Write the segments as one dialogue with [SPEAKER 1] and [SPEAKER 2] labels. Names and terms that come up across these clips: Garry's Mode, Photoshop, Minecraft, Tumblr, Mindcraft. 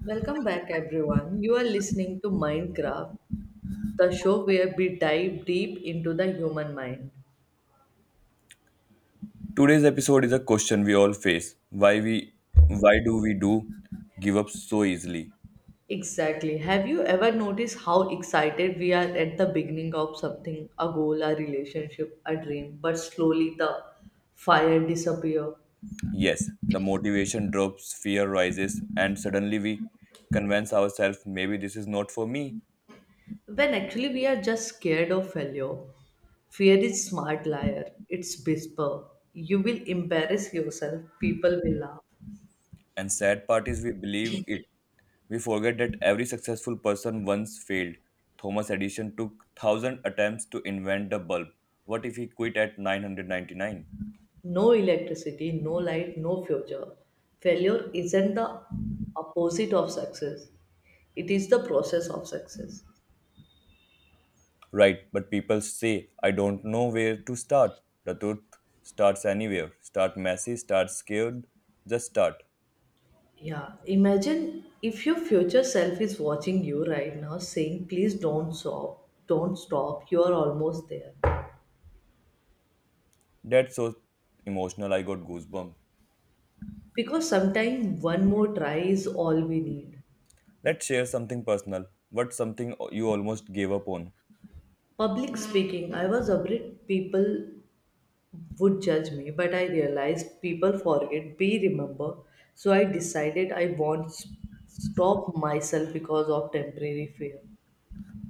[SPEAKER 1] Welcome back, everyone. You are listening to Minecraft, the show where we dive deep into the human mind.
[SPEAKER 2] Today's episode is a question we all face. Why we why do we do give up so easily?
[SPEAKER 1] Exactly. Have you ever noticed how excited we are at the beginning of something, a goal, a relationship, a dream, but slowly the fire disappears?
[SPEAKER 2] Yes, the motivation drops, fear rises, and suddenly we convince ourselves maybe this is not for me.
[SPEAKER 1] When actually we are just scared of failure. Fear is smart liar. It's whisper. You will embarrass yourself. People will laugh.
[SPEAKER 2] And sad part is we believe it. We forget that every successful person once failed. Thomas Edison took 1,000 attempts to invent the bulb. What if he quit at 999?
[SPEAKER 1] No electricity, no light, no future. Failure isn't the opposite of success, it is the process of success.
[SPEAKER 2] Right, but people say, I don't know where to start. The truth starts anywhere. Start messy, start scared, just start.
[SPEAKER 1] Yeah, imagine if your future self is watching you right now saying, Please don't stop, you are almost there.
[SPEAKER 2] That's so emotional, I got goosebumps.
[SPEAKER 1] Because sometimes one more try is all we need.
[SPEAKER 2] Let's share something personal. What's something you almost gave up on?
[SPEAKER 1] Public speaking, I was afraid people would judge me, but I realized people forget, be remember. So I decided I won't stop myself because of temporary fear.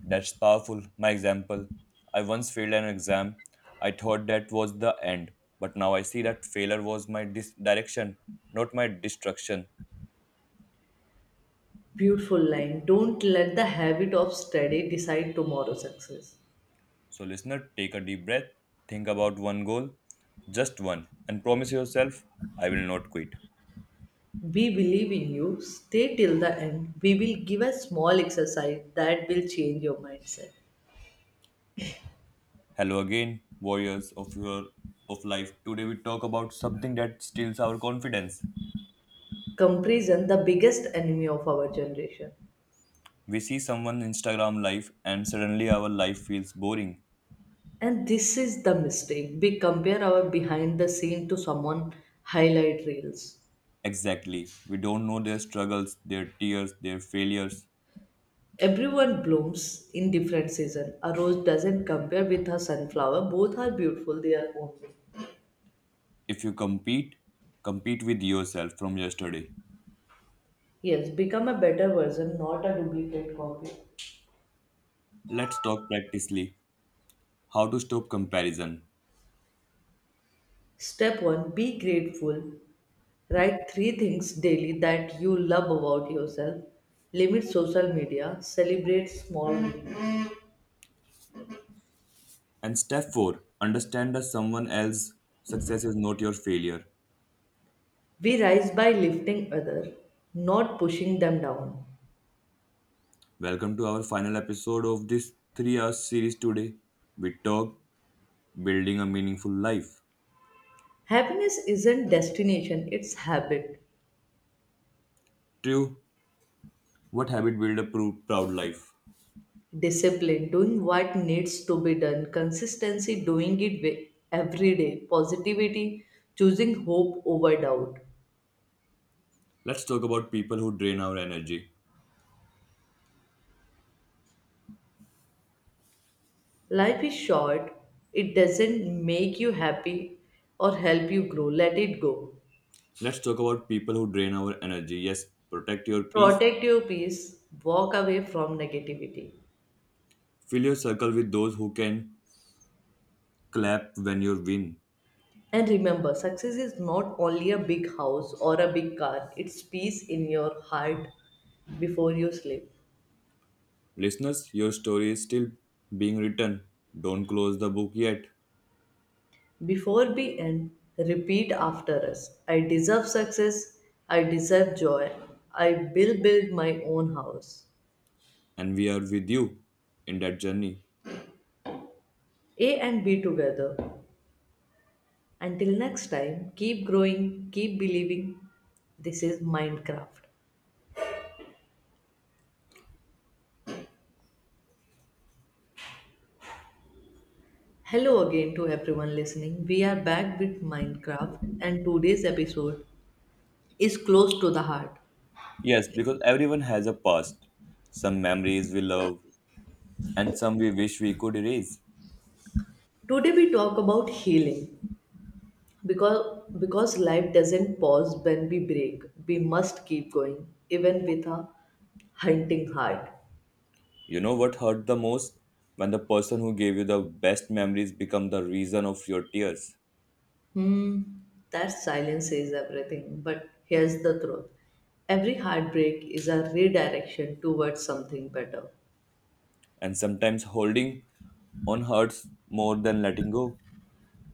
[SPEAKER 2] That's powerful. My example, I once failed an exam. I thought that was the end, but now I see that failure was my direction, not my destruction.
[SPEAKER 1] Beautiful line. Don't let the habit of study decide tomorrow's success.
[SPEAKER 2] So, listener, take a deep breath, think about one goal, just one, and promise yourself, I will not quit.
[SPEAKER 1] We believe in you. Stay till the end. We will give a small exercise that will change your mindset.
[SPEAKER 2] Hello again, warriors of your of life. Today we talk about something that steals our confidence.
[SPEAKER 1] Comparison, the biggest enemy of our generation.
[SPEAKER 2] We see someone Instagram life and suddenly our life feels boring.
[SPEAKER 1] And this is the mistake. We compare our behind the scene to someone highlight reels.
[SPEAKER 2] Exactly. We don't know their struggles, their tears, their failures.
[SPEAKER 1] Everyone blooms in different season. A rose doesn't compare with a sunflower. Both are beautiful their own way.
[SPEAKER 2] If you compete, compete with yourself from yesterday.
[SPEAKER 1] Yes, become a better version, not a duplicate copy.
[SPEAKER 2] Let's talk practically, how to stop comparison.
[SPEAKER 1] Step 1. Be grateful. Write three things daily that you love about yourself. Limit social media. Celebrate small wins.
[SPEAKER 2] And step four, understand that someone else's success is not your failure.
[SPEAKER 1] We rise by lifting others, not pushing them down.
[SPEAKER 2] Welcome to our final episode of this 3 hour series today. We talk building a meaningful life.
[SPEAKER 1] Happiness isn't destination, it's habit.
[SPEAKER 2] Two, what habit build a proud life?
[SPEAKER 1] Discipline, doing what needs to be done. Consistency, doing it every day. Positivity, choosing hope over doubt.
[SPEAKER 2] Let's talk about people who drain our energy.
[SPEAKER 1] Life is short. It doesn't make you happy or help you grow, let it go.
[SPEAKER 2] Let's talk about people who drain our energy. Yes, protect your peace.
[SPEAKER 1] Protect your peace, walk away from negativity.
[SPEAKER 2] Fill your circle with those who can clap when you win.
[SPEAKER 1] And remember, success is not only a big house or a big car, it's peace in your heart before you sleep.
[SPEAKER 2] Listeners, your story is still being written. Don't close the book yet.
[SPEAKER 1] Before we end, repeat after us. I deserve success. I deserve joy. I will build my own house.
[SPEAKER 2] And we are with you in that journey.
[SPEAKER 1] A and B together. Until next time, keep growing, keep believing. This is Minecraft. Hello again to everyone listening. We are back with Minecraft, and today's episode is close to the heart.
[SPEAKER 2] Yes, because everyone has a past, some memories we love, and some we wish we could erase.
[SPEAKER 1] Today, we talk about healing, because life doesn't pause when we break. We must keep going, even with a hunting heart.
[SPEAKER 2] You know what hurt the most? When the person who gave you the best memories become the reason of your tears.
[SPEAKER 1] hmm that silence says everything, but here's the truth. Every heartbreak is a redirection towards something better.
[SPEAKER 2] And sometimes holding on hurts more than letting go.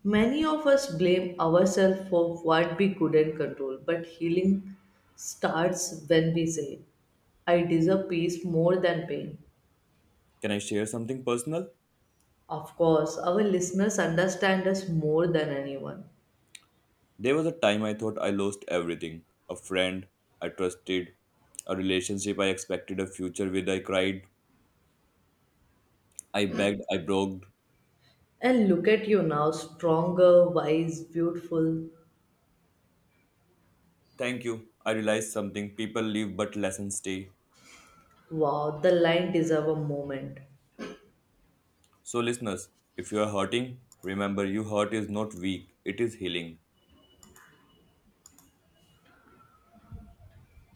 [SPEAKER 1] Many of us blame ourselves for what we couldn't control, but healing starts when we say, I deserve peace more than pain.
[SPEAKER 2] Can I share something personal?
[SPEAKER 1] Of course, our listeners understand us more than anyone.
[SPEAKER 2] There was a time I thought I lost everything. A friend I trusted, a relationship I expected a future with. I cried, I begged, I broke.
[SPEAKER 1] And look at you now, stronger, wise, beautiful.
[SPEAKER 2] Thank you. I realized something. People leave, but lessons stay.
[SPEAKER 1] Wow, the line deserve a moment.
[SPEAKER 2] So, listeners, if you are hurting, remember your hurt is not weak, it is healing.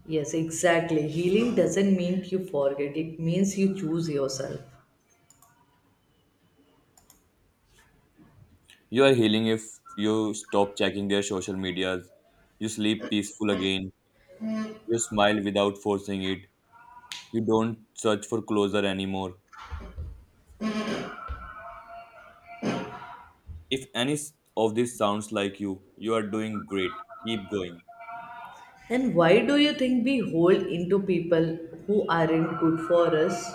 [SPEAKER 1] Yes, exactly. Healing doesn't mean you forget, it means you choose yourself.
[SPEAKER 2] You are healing if you stop checking their social medias, you sleep peaceful again, you smile without forcing it, you don't search for closure anymore. If any of this sounds like you are doing great. Keep going.
[SPEAKER 1] And why do you think we hold into people who aren't good for us?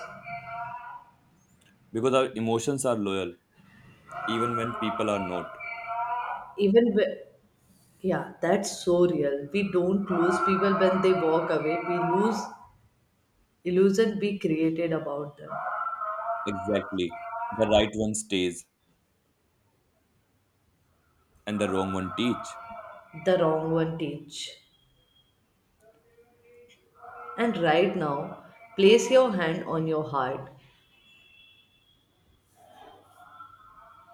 [SPEAKER 2] Because our emotions are loyal, even when people are not.
[SPEAKER 1] Even when, yeah, that's so real. We don't lose people when they walk away. We lose illusion we created about them.
[SPEAKER 2] Exactly. The right one stays, and the wrong one teach.
[SPEAKER 1] The wrong one teach. And right now, place your hand on your heart.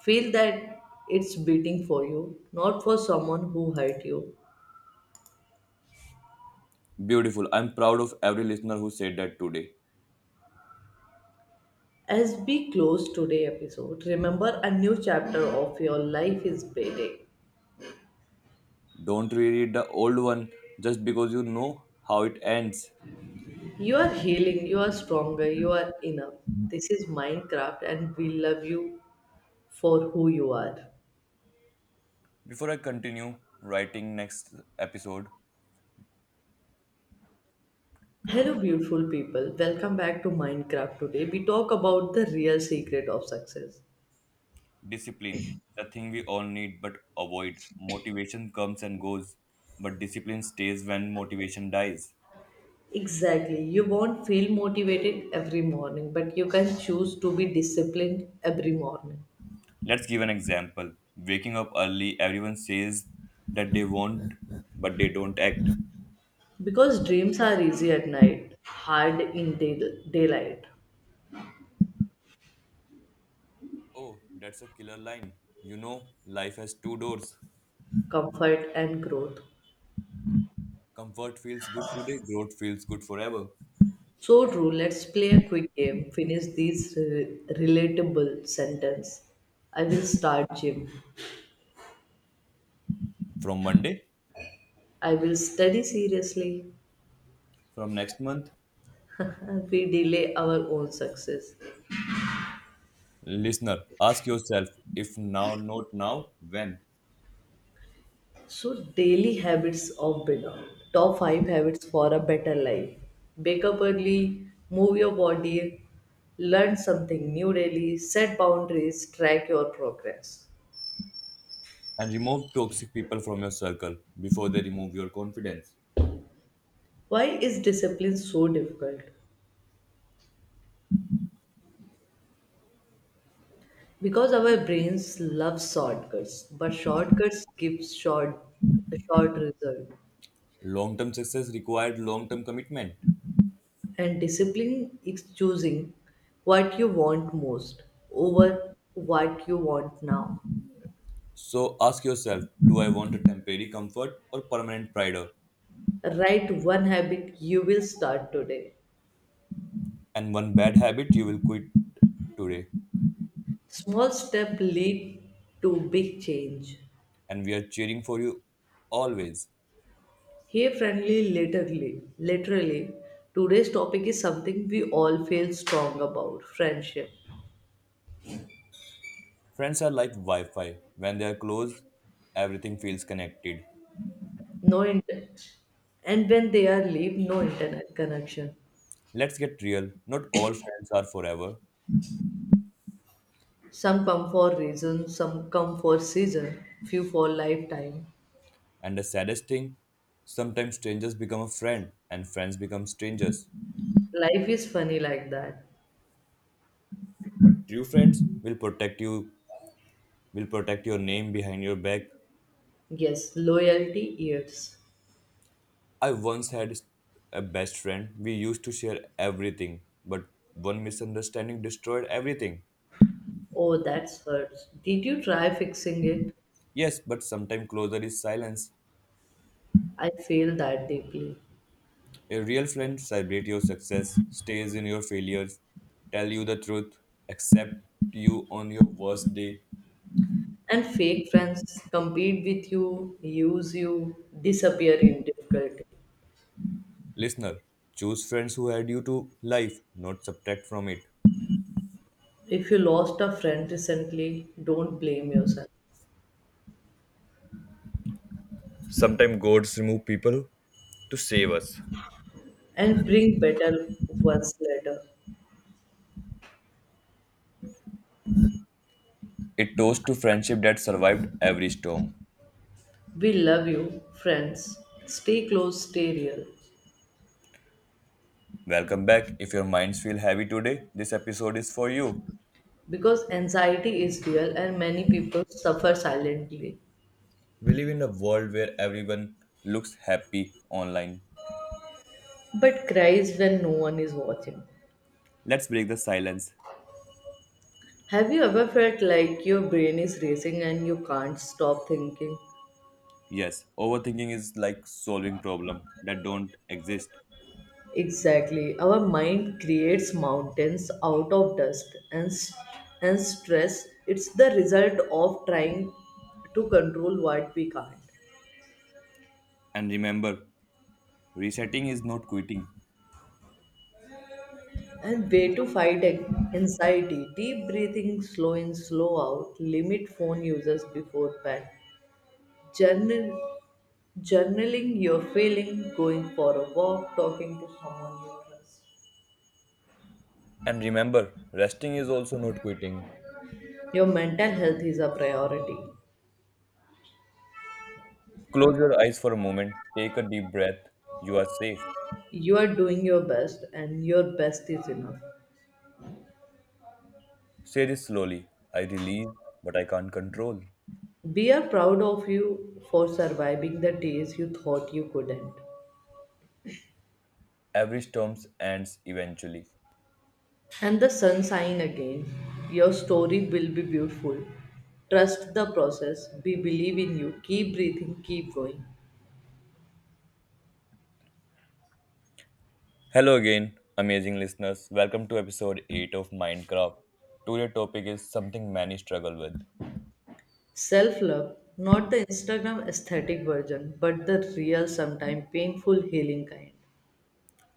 [SPEAKER 1] Feel that it's beating for you, not for someone who hurt you.
[SPEAKER 2] Beautiful. I'm proud of every listener who said that today.
[SPEAKER 1] As we close today's episode, remember a new chapter of your life is beginning.
[SPEAKER 2] Don't reread the old one just because you know how it ends.
[SPEAKER 1] You are healing, you are stronger, you are enough. This is Minecraft, and we love you for who you are.
[SPEAKER 2] Before I continue writing next episode,
[SPEAKER 1] Hello, beautiful people. Welcome back to Minecraft. Today, we talk about the real secret of success.
[SPEAKER 2] discipline, the thing we all need but avoid. Motivation comes and goes, but discipline stays when motivation dies.
[SPEAKER 1] Exactly. You won't feel motivated every morning, but you can choose to be disciplined every morning.
[SPEAKER 2] Let's give an example. Waking up early, everyone says that they want, but they don't act.
[SPEAKER 1] Because dreams are easy at night, hard in daylight.
[SPEAKER 2] Oh, that's a killer line. You know, life has two doors.
[SPEAKER 1] Comfort and growth.
[SPEAKER 2] Comfort feels good today, growth feels good forever.
[SPEAKER 1] So true, let's play a quick game. Finish these relatable sentence. I will start gym.
[SPEAKER 2] From Monday,
[SPEAKER 1] I will study seriously.
[SPEAKER 2] from next month,
[SPEAKER 1] We delay our own success.
[SPEAKER 2] listener, ask yourself, if now, not now, when.
[SPEAKER 1] So daily habits of better. Top 5 habits for a better life. Wake up early, move your body, learn something new daily, set boundaries, track your progress.
[SPEAKER 2] And remove toxic people from your circle before they remove your confidence.
[SPEAKER 1] Why is discipline so difficult? Because our brains love shortcuts, but shortcuts give short a short result.
[SPEAKER 2] Long term success required long term commitment.
[SPEAKER 1] And discipline is choosing what you want most over what you want now.
[SPEAKER 2] So ask yourself, do I want a temporary comfort or permanent pride?
[SPEAKER 1] Write one habit you will start today.
[SPEAKER 2] And one bad habit you will quit today.
[SPEAKER 1] Small step lead to big change.
[SPEAKER 2] And we are cheering for you always.
[SPEAKER 1] Here friendly literally, today's topic is something we all feel strong about, friendship.
[SPEAKER 2] Friends are like Wi Fi. When they are close, everything feels connected.
[SPEAKER 1] No internet, and when they are leave, no internet connection.
[SPEAKER 2] Let's get real, not all friends are forever.
[SPEAKER 1] Some come for reason, some come for season, few for lifetime.
[SPEAKER 2] And the saddest thing, sometimes strangers become a friend and friends become strangers.
[SPEAKER 1] Life is funny like that.
[SPEAKER 2] But true friends will protect you, will protect your name behind your back.
[SPEAKER 1] Yes, loyalty ears.
[SPEAKER 2] I once had a best friend. We used to share everything, but one misunderstanding destroyed everything.
[SPEAKER 1] Oh, that's hurts. Did you try fixing it?
[SPEAKER 2] Yes, but sometimes closer is silence.
[SPEAKER 1] I feel that deeply.
[SPEAKER 2] A real friend celebrates your success, stays in your failures, tell you the truth, accept you on your worst day.
[SPEAKER 1] And fake friends compete with you, use you, disappear in difficulty.
[SPEAKER 2] Listener, choose friends who add you to life, not subtract from it.
[SPEAKER 1] If you lost a friend recently, don't blame yourself.
[SPEAKER 2] Sometimes gods remove people to save us.
[SPEAKER 1] And bring better ones later.
[SPEAKER 2] It toast to friendship that survived every storm.
[SPEAKER 1] We love you, friends. Stay close, stay real.
[SPEAKER 2] Welcome back. If your minds feel heavy today, this episode is for you.
[SPEAKER 1] Because anxiety is real and many people suffer silently,
[SPEAKER 2] We live in a world where everyone looks happy online.
[SPEAKER 1] but cries when no one is watching.
[SPEAKER 2] Let's break the silence.
[SPEAKER 1] Have you ever felt like your brain is racing and you can't stop thinking?
[SPEAKER 2] Yes, overthinking is like solving problems that don't exist.
[SPEAKER 1] Exactly. Our mind creates mountains out of dust and and stress. It's the result of trying to control what we can't.
[SPEAKER 2] And remember, resetting is not quitting.
[SPEAKER 1] And way to fight anxiety. Deep breathing, slow in, slow out. Limit phone users before bed. Journal, Journaling your feeling, going for a walk, talking to someone you trust.
[SPEAKER 2] And remember, resting is also not quitting.
[SPEAKER 1] Your mental health is a priority.
[SPEAKER 2] Close your eyes for a moment. Take a deep breath. You are safe.
[SPEAKER 1] You are doing your best, and your best is enough.
[SPEAKER 2] Say this slowly. I release, but I can't control.
[SPEAKER 1] We are proud of you for surviving the days you thought you couldn't.
[SPEAKER 2] Every storm ends eventually.
[SPEAKER 1] And the sun sign again. Your story will be beautiful. Trust the process. We believe in you. Keep breathing. Keep going.
[SPEAKER 2] Hello again, amazing listeners. Welcome to episode 8 of Mindcraft. Today's topic is something many struggle with.
[SPEAKER 1] Self love, not the Instagram aesthetic version, but the real, sometimes painful, healing kind.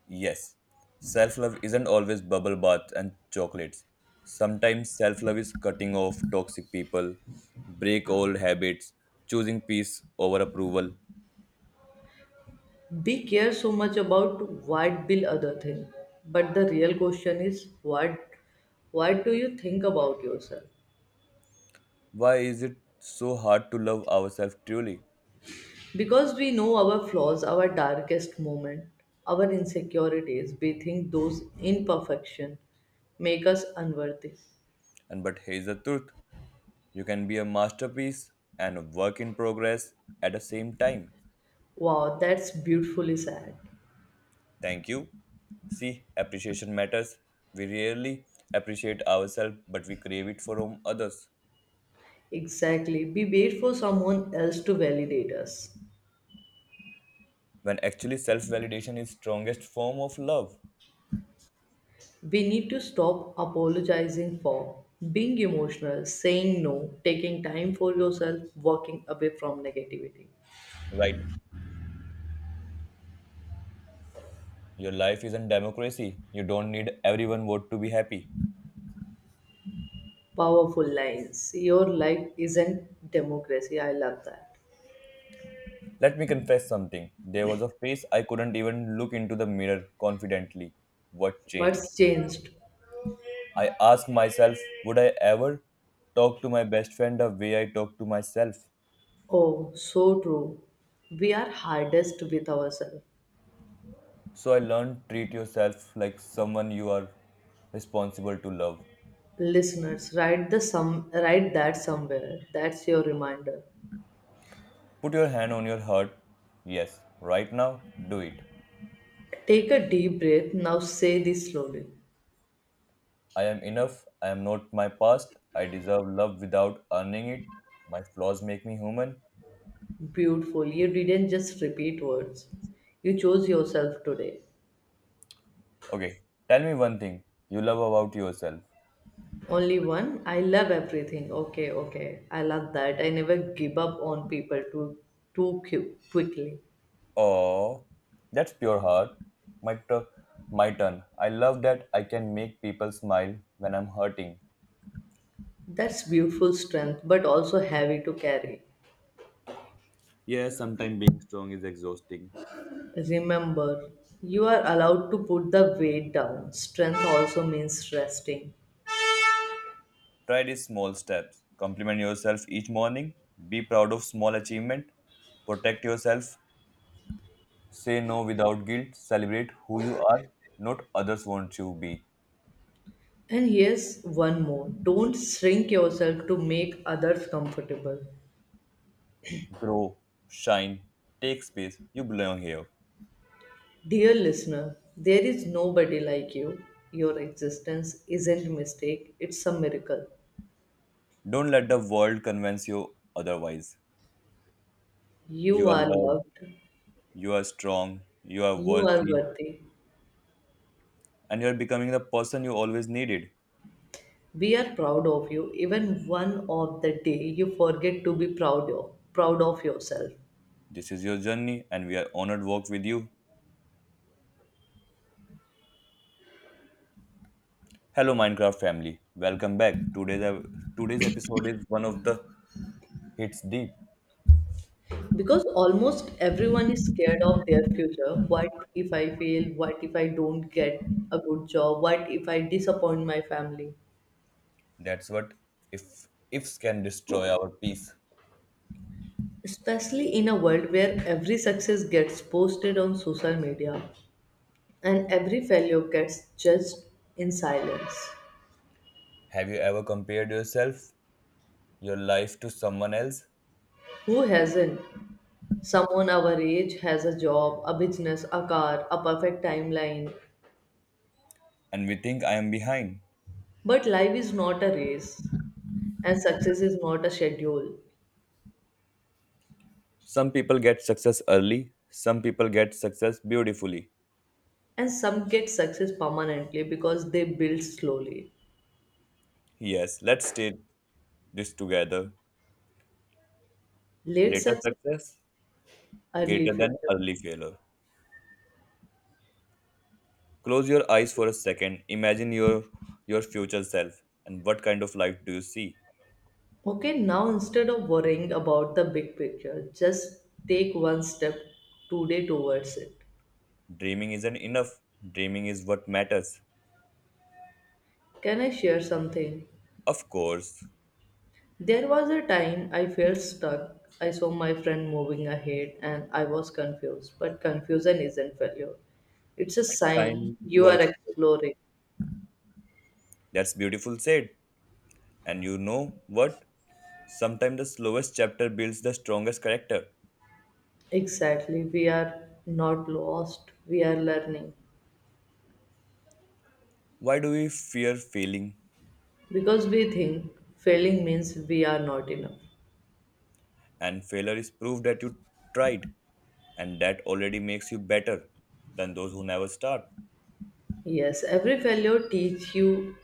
[SPEAKER 2] Yes, self love isn't always bubble baths and chocolates. Sometimes self love is cutting off toxic people, break old habits, choosing peace over approval.
[SPEAKER 1] We care so much about what will other think, but the real question is what. What do you think about yourself?
[SPEAKER 2] Why is it so hard to love ourselves truly?
[SPEAKER 1] Because we know our flaws, our darkest moment, our insecurities, we think those imperfection make us unworthy.
[SPEAKER 2] And but here's the truth, you can be a masterpiece and a work in progress at the same time.
[SPEAKER 1] Wow, that's beautifully sad.
[SPEAKER 2] Thank you. See, appreciation matters. We rarely appreciate ourselves, but we crave it from others.
[SPEAKER 1] Exactly. We wait for someone else to validate us.
[SPEAKER 2] When actually self validation is strongest form of love.
[SPEAKER 1] We need to stop apologizing for being emotional, saying no, taking time for yourself, walking away from negativity.
[SPEAKER 2] Right. Your life isn't democracy. You don't need everyone vote to be happy.
[SPEAKER 1] Powerful lines. Your life isn't democracy. I love that.
[SPEAKER 2] Let me confess something. There was a phase I couldn't even look into the mirror confidently. What changed?
[SPEAKER 1] What's changed?
[SPEAKER 2] I asked myself, would I ever talk to my best friend the way I talk to myself?
[SPEAKER 1] Oh, so true. We are hardest with ourselves.
[SPEAKER 2] So I learned, treat yourself like someone you are responsible to love.
[SPEAKER 1] Listeners, write that somewhere. That's your reminder.
[SPEAKER 2] Put your hand on your heart. Yes, right now, do it.
[SPEAKER 1] Take a deep breath. Now say this slowly.
[SPEAKER 2] I am enough. I am not my past. I deserve love without earning it. My flaws make me human.
[SPEAKER 1] Beautiful. You didn't just repeat words. You chose yourself today.
[SPEAKER 2] Okay, tell me one thing you love about yourself.
[SPEAKER 1] Only one. I love everything. Okay, okay. I love that. I never give up on people too quickly.
[SPEAKER 2] Oh, that's pure heart. My, tu- my turn. I love that I can make people smile when I'm hurting.
[SPEAKER 1] That's beautiful strength, but also heavy to carry.
[SPEAKER 2] Yeah, sometimes being strong is exhausting.
[SPEAKER 1] Remember, you are allowed to put the weight down. Strength also means resting.
[SPEAKER 2] Try these small steps. Compliment yourself each morning. Be proud of small achievement. Protect yourself. Say no without guilt. Celebrate who you are, not others want you to be.
[SPEAKER 1] And here's one more, don't shrink yourself to make others comfortable.
[SPEAKER 2] Grow, shine, take space. You belong here.
[SPEAKER 1] Dear listener, there is nobody like you. Your existence isn't a mistake, it's a miracle.
[SPEAKER 2] Don't let the world convince you otherwise.
[SPEAKER 1] You
[SPEAKER 2] You are
[SPEAKER 1] are
[SPEAKER 2] loved.
[SPEAKER 1] loved,
[SPEAKER 2] You are strong, you are
[SPEAKER 1] you are
[SPEAKER 2] worthy,
[SPEAKER 1] worthy.
[SPEAKER 2] and you are becoming the person you always needed.
[SPEAKER 1] We are proud of you, even one of the day you forget to proud of yourself.
[SPEAKER 2] This is your journey, and we are honored to work with you. Hello, Minecraft family. Welcome back. Today's episode is one of the hits deep.
[SPEAKER 1] Because almost everyone is scared of their future. What if I fail? What if I don't get a good job? What if I disappoint my family?
[SPEAKER 2] That's what if ifs can destroy our peace.
[SPEAKER 1] Especially in a world where every success gets posted on social media, and every failure gets judged in silence.
[SPEAKER 2] Have you ever compared yourself, your life to someone else,
[SPEAKER 1] Who hasn't? Someone our age has a job, a business, a car, a perfect timeline.
[SPEAKER 2] and we think I am behind?
[SPEAKER 1] But life is not a race, and success is not a schedule.
[SPEAKER 2] Some people get success early. Some people get success beautifully.
[SPEAKER 1] And some get success permanently because they build slowly.
[SPEAKER 2] Yes, let's state this together.
[SPEAKER 1] Late
[SPEAKER 2] Later
[SPEAKER 1] success,
[SPEAKER 2] success
[SPEAKER 1] early
[SPEAKER 2] greater than
[SPEAKER 1] future.
[SPEAKER 2] early failure. Close your eyes for a second. Imagine your future self and what kind of life do you see?
[SPEAKER 1] Okay, now instead of worrying about the big picture, just take one step today towards it.
[SPEAKER 2] Dreaming isn't enough. Dreaming is what matters.
[SPEAKER 1] Can I share something?
[SPEAKER 2] Of course,
[SPEAKER 1] There was a time I felt stuck. I saw my friend moving ahead and I was confused. But confusion isn't failure, it's a
[SPEAKER 2] it's
[SPEAKER 1] sign
[SPEAKER 2] time
[SPEAKER 1] you
[SPEAKER 2] you are
[SPEAKER 1] are
[SPEAKER 2] exploring.
[SPEAKER 1] exploring.
[SPEAKER 2] That's beautiful said. And you know what? Sometimes the slowest chapter builds the strongest character.
[SPEAKER 1] Exactly, we are not lost, we are learning.
[SPEAKER 2] Why do we fear failing?
[SPEAKER 1] Because we think failing means we are not enough.
[SPEAKER 2] And failure is proof that you tried, and that already makes you better than those who never start.
[SPEAKER 1] Yes, every failure teach you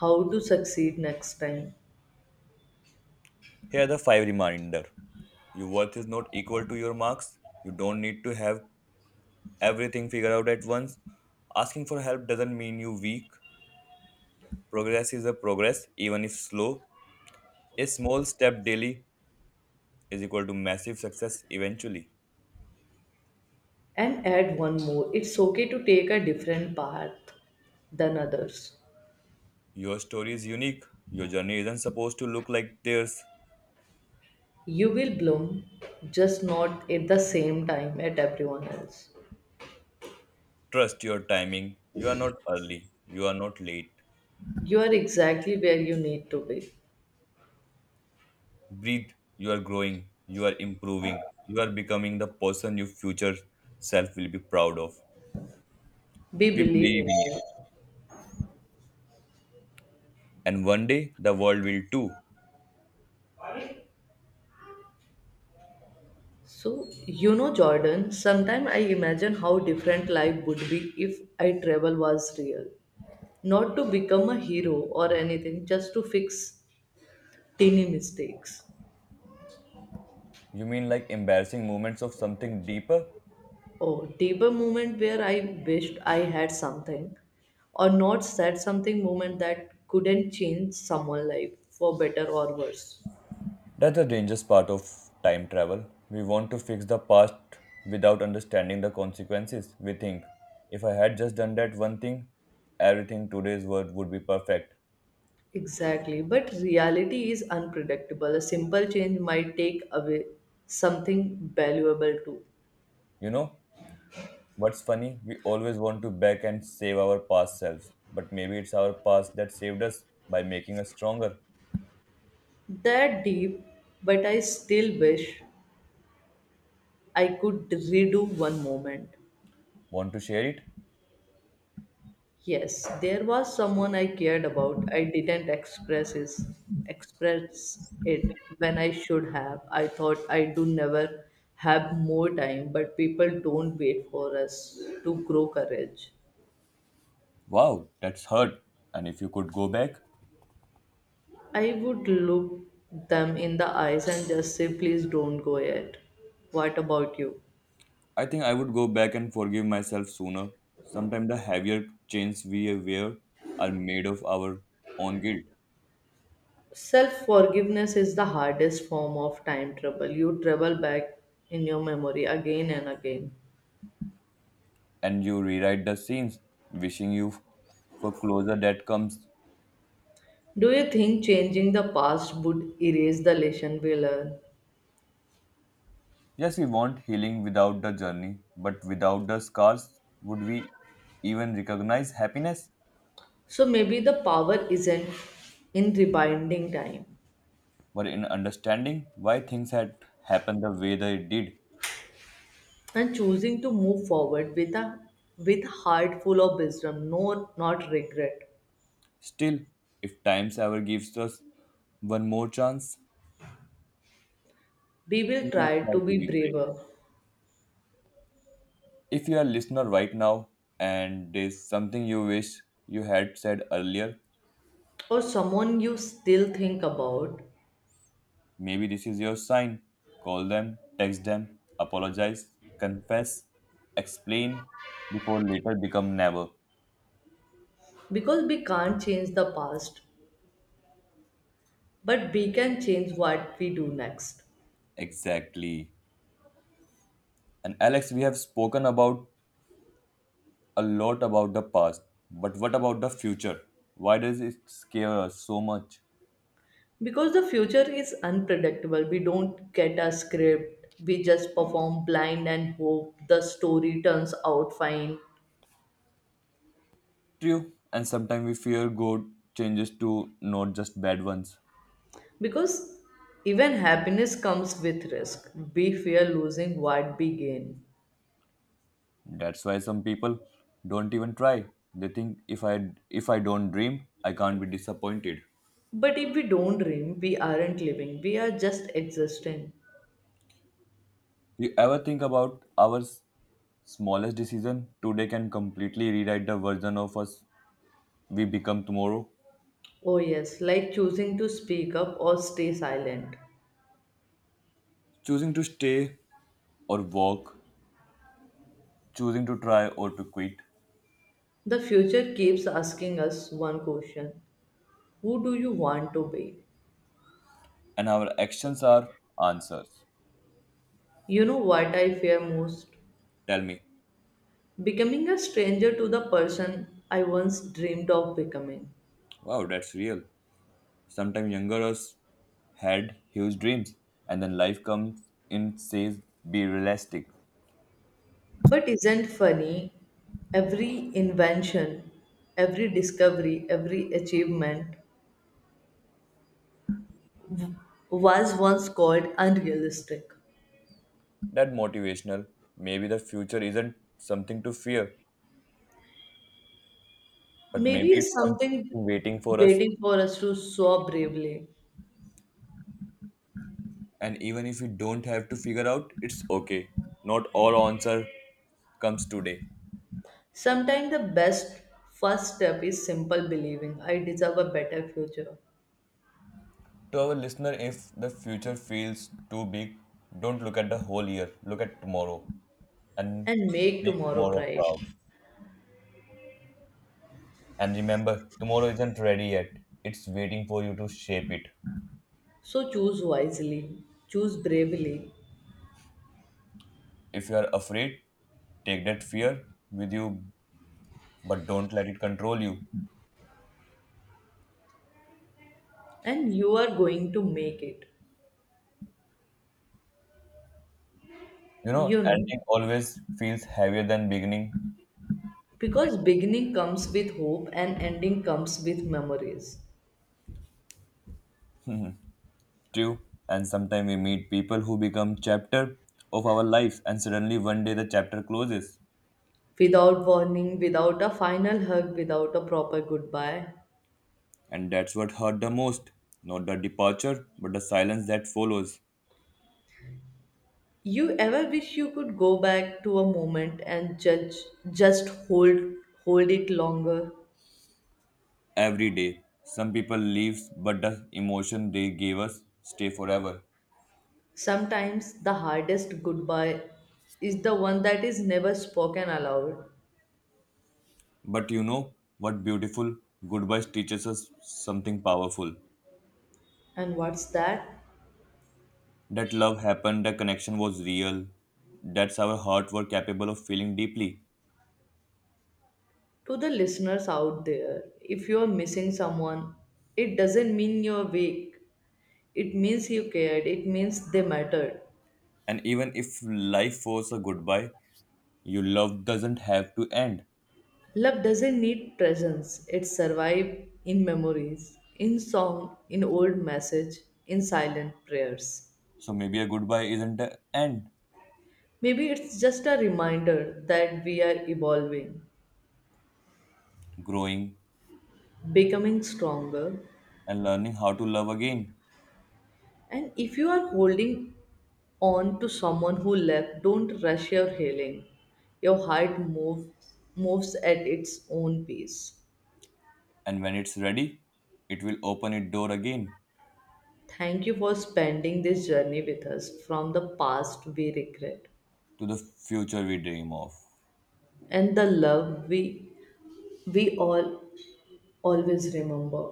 [SPEAKER 1] how to succeed next time.
[SPEAKER 2] Here are the five reminder. Your worth is not equal to your marks. You don't need to have everything figured out at once. Asking for help doesn't mean you weak. Progress is a progress, even if slow. A small step daily is equal to massive success eventually.
[SPEAKER 1] And add one more. It's okay to take a different path than others.
[SPEAKER 2] Your story is unique. Your journey isn't supposed to look like theirs.
[SPEAKER 1] You will bloom, just not at the same time at everyone else.
[SPEAKER 2] Trust your timing. You are not early. You are not late.
[SPEAKER 1] You are exactly where you need to be.
[SPEAKER 2] Breathe. You are growing. You are improving. You are becoming the person your future self will be proud of.
[SPEAKER 1] We
[SPEAKER 2] We
[SPEAKER 1] believe
[SPEAKER 2] believe
[SPEAKER 1] in
[SPEAKER 2] in
[SPEAKER 1] you.
[SPEAKER 2] you. And one day the world will too.
[SPEAKER 1] So, Jordan, sometimes I imagine how different life would be if I travel was real. Not to become a hero or anything, just to fix teeny mistakes.
[SPEAKER 2] You mean like embarrassing moments of something deeper?
[SPEAKER 1] Oh, deeper moment where I wished I had something or not said something, moment that couldn't change someone's life for better or worse.
[SPEAKER 2] That's the dangerous part of time travel. We want to fix the past without understanding the consequences. We think, if I had just done that one thing, everything today's world would be perfect.
[SPEAKER 1] Exactly, but reality is unpredictable. A simple change might take away something valuable too.
[SPEAKER 2] You know, what's funny? We always want to back and save our past selves, but maybe it's our past that saved us by making us stronger.
[SPEAKER 1] That deep, but I still wish I could redo one moment.
[SPEAKER 2] Want to share it?
[SPEAKER 1] Yes, there was someone I cared about. I didn't express it when I should have. I thought I do never have more time, but people don't wait for us to grow courage.
[SPEAKER 2] Wow, that's hurt. And if you could go back,
[SPEAKER 1] I would look them in the eyes and just say, please don't go yet. What about you?
[SPEAKER 2] I think I would go back and forgive myself sooner. Sometimes the heavier chains we wear are made of our own guilt,
[SPEAKER 1] Self forgiveness is the hardest form of time trouble. You travel back in your memory again and again.
[SPEAKER 2] and you rewrite the scenes, wishing you f- for closure that comes.
[SPEAKER 1] Do you think changing the past would erase the lesson we learn?
[SPEAKER 2] Yes, we want healing without the journey, but without the scars, would we even recognize happiness?
[SPEAKER 1] So maybe the power isn't in rewinding time,
[SPEAKER 2] But in understanding why things had happened the way they did,
[SPEAKER 1] and choosing to move forward with a with heart full of wisdom, no not regret.
[SPEAKER 2] still, if times ever gives us one more chance,
[SPEAKER 1] We will
[SPEAKER 2] we will
[SPEAKER 1] try
[SPEAKER 2] try
[SPEAKER 1] to
[SPEAKER 2] to
[SPEAKER 1] be
[SPEAKER 2] be brave.
[SPEAKER 1] braver
[SPEAKER 2] If you are listener right now and there's something you wish you had said earlier,
[SPEAKER 1] or someone you still think about.
[SPEAKER 2] maybe this is your sign. Call them, text them, apologize, confess, explain before later become never.
[SPEAKER 1] Because we can't change the past, but we can change what we do next.
[SPEAKER 2] Exactly. And Alex, we have spoken about a lot about the past, but what about the future? Why does it scare us so much?
[SPEAKER 1] Because the future is unpredictable, we don't get a script. We just perform blind and hope the story turns out fine.
[SPEAKER 2] True, and sometimes we fear good changes to not just bad ones.
[SPEAKER 1] Because even happiness comes with risk. We fear losing what we gain.
[SPEAKER 2] That's why some people don't even try. They think, if I don't dream, I can't be disappointed.
[SPEAKER 1] But if we don't dream, we aren't living. We are just existing.
[SPEAKER 2] You ever think about our smallest decision today can completely rewrite the version of us we become tomorrow?
[SPEAKER 1] Oh, yes, like choosing to speak up or stay silent.
[SPEAKER 2] Choosing to stay or walk, choosing to try or to quit,
[SPEAKER 1] The future keeps asking us one question. Who do you want to be?
[SPEAKER 2] and our actions are answers.
[SPEAKER 1] You know what I fear most?
[SPEAKER 2] Tell me,
[SPEAKER 1] Becoming a stranger to the person I once dreamed of becoming.
[SPEAKER 2] wow, that's real. Sometimes younger us had huge dreams, and then life comes in says be realistic.
[SPEAKER 1] But isn't funny? Every invention, every discovery, every achievement was once called unrealistic.
[SPEAKER 2] That motivational. Maybe the future isn't something to fear, but maybe
[SPEAKER 1] Maybe it's
[SPEAKER 2] it's something
[SPEAKER 1] something
[SPEAKER 2] waiting for us.
[SPEAKER 1] waiting for us to soar bravely.
[SPEAKER 2] And even if we don't have to figure out, it's okay. Not all answer comes today.
[SPEAKER 1] Sometimes the best first step is simple, believing I deserve a better future,
[SPEAKER 2] To our listener, if the future feels too big, don't look at the whole year. Look at tomorrow and
[SPEAKER 1] and make
[SPEAKER 2] make
[SPEAKER 1] tomorrow
[SPEAKER 2] tomorrow
[SPEAKER 1] bright.
[SPEAKER 2] proud. And remember, tomorrow isn't ready yet. It's waiting for you to shape it.
[SPEAKER 1] So choose wisely, choose bravely,
[SPEAKER 2] If you are afraid, take that fear with you, but don't let it control you.
[SPEAKER 1] and you are going to make it.
[SPEAKER 2] You know,
[SPEAKER 1] You know,
[SPEAKER 2] ending always feels heavier than beginning,
[SPEAKER 1] because beginning comes with hope and ending comes with memories.
[SPEAKER 2] too. And sometimes we meet people who become chapter of our life, and suddenly one day the chapter closes.
[SPEAKER 1] Without warning, without a final hug, without a proper goodbye.
[SPEAKER 2] And that's what hurt the most. Not the departure, but the silence that follows
[SPEAKER 1] You ever wish you could go back to a moment and judge just hold hold it longer?
[SPEAKER 2] every day. Some people leave, but the emotion they gave us stay forever.
[SPEAKER 1] Sometimes the hardest goodbye is the one that is never spoken aloud.
[SPEAKER 2] But you know what beautiful goodbyes teaches us something powerful.
[SPEAKER 1] And what's that?
[SPEAKER 2] That love happened, the connection was real. That's our heart were capable of feeling deeply.
[SPEAKER 1] To the listeners out there, if you're missing someone, it doesn't mean you're weak. It means you cared. It means they mattered.
[SPEAKER 2] And even if life forces a goodbye, your love doesn't have to end.
[SPEAKER 1] Love doesn't need presents. It survives in memories, in song, in old message, in silent prayers.
[SPEAKER 2] So maybe a goodbye isn't the end,
[SPEAKER 1] Maybe it's just a reminder that we are evolving,
[SPEAKER 2] growing
[SPEAKER 1] becoming stronger.
[SPEAKER 2] and learning how to love again,
[SPEAKER 1] And if you are holding on to someone who left, don't rush your healing. Your moves at its own pace.
[SPEAKER 2] and when it's ready it will open its door again
[SPEAKER 1] Thank you for spending this journey with us from the past we regret
[SPEAKER 2] to the future we dream of.
[SPEAKER 1] and the love we all always remember.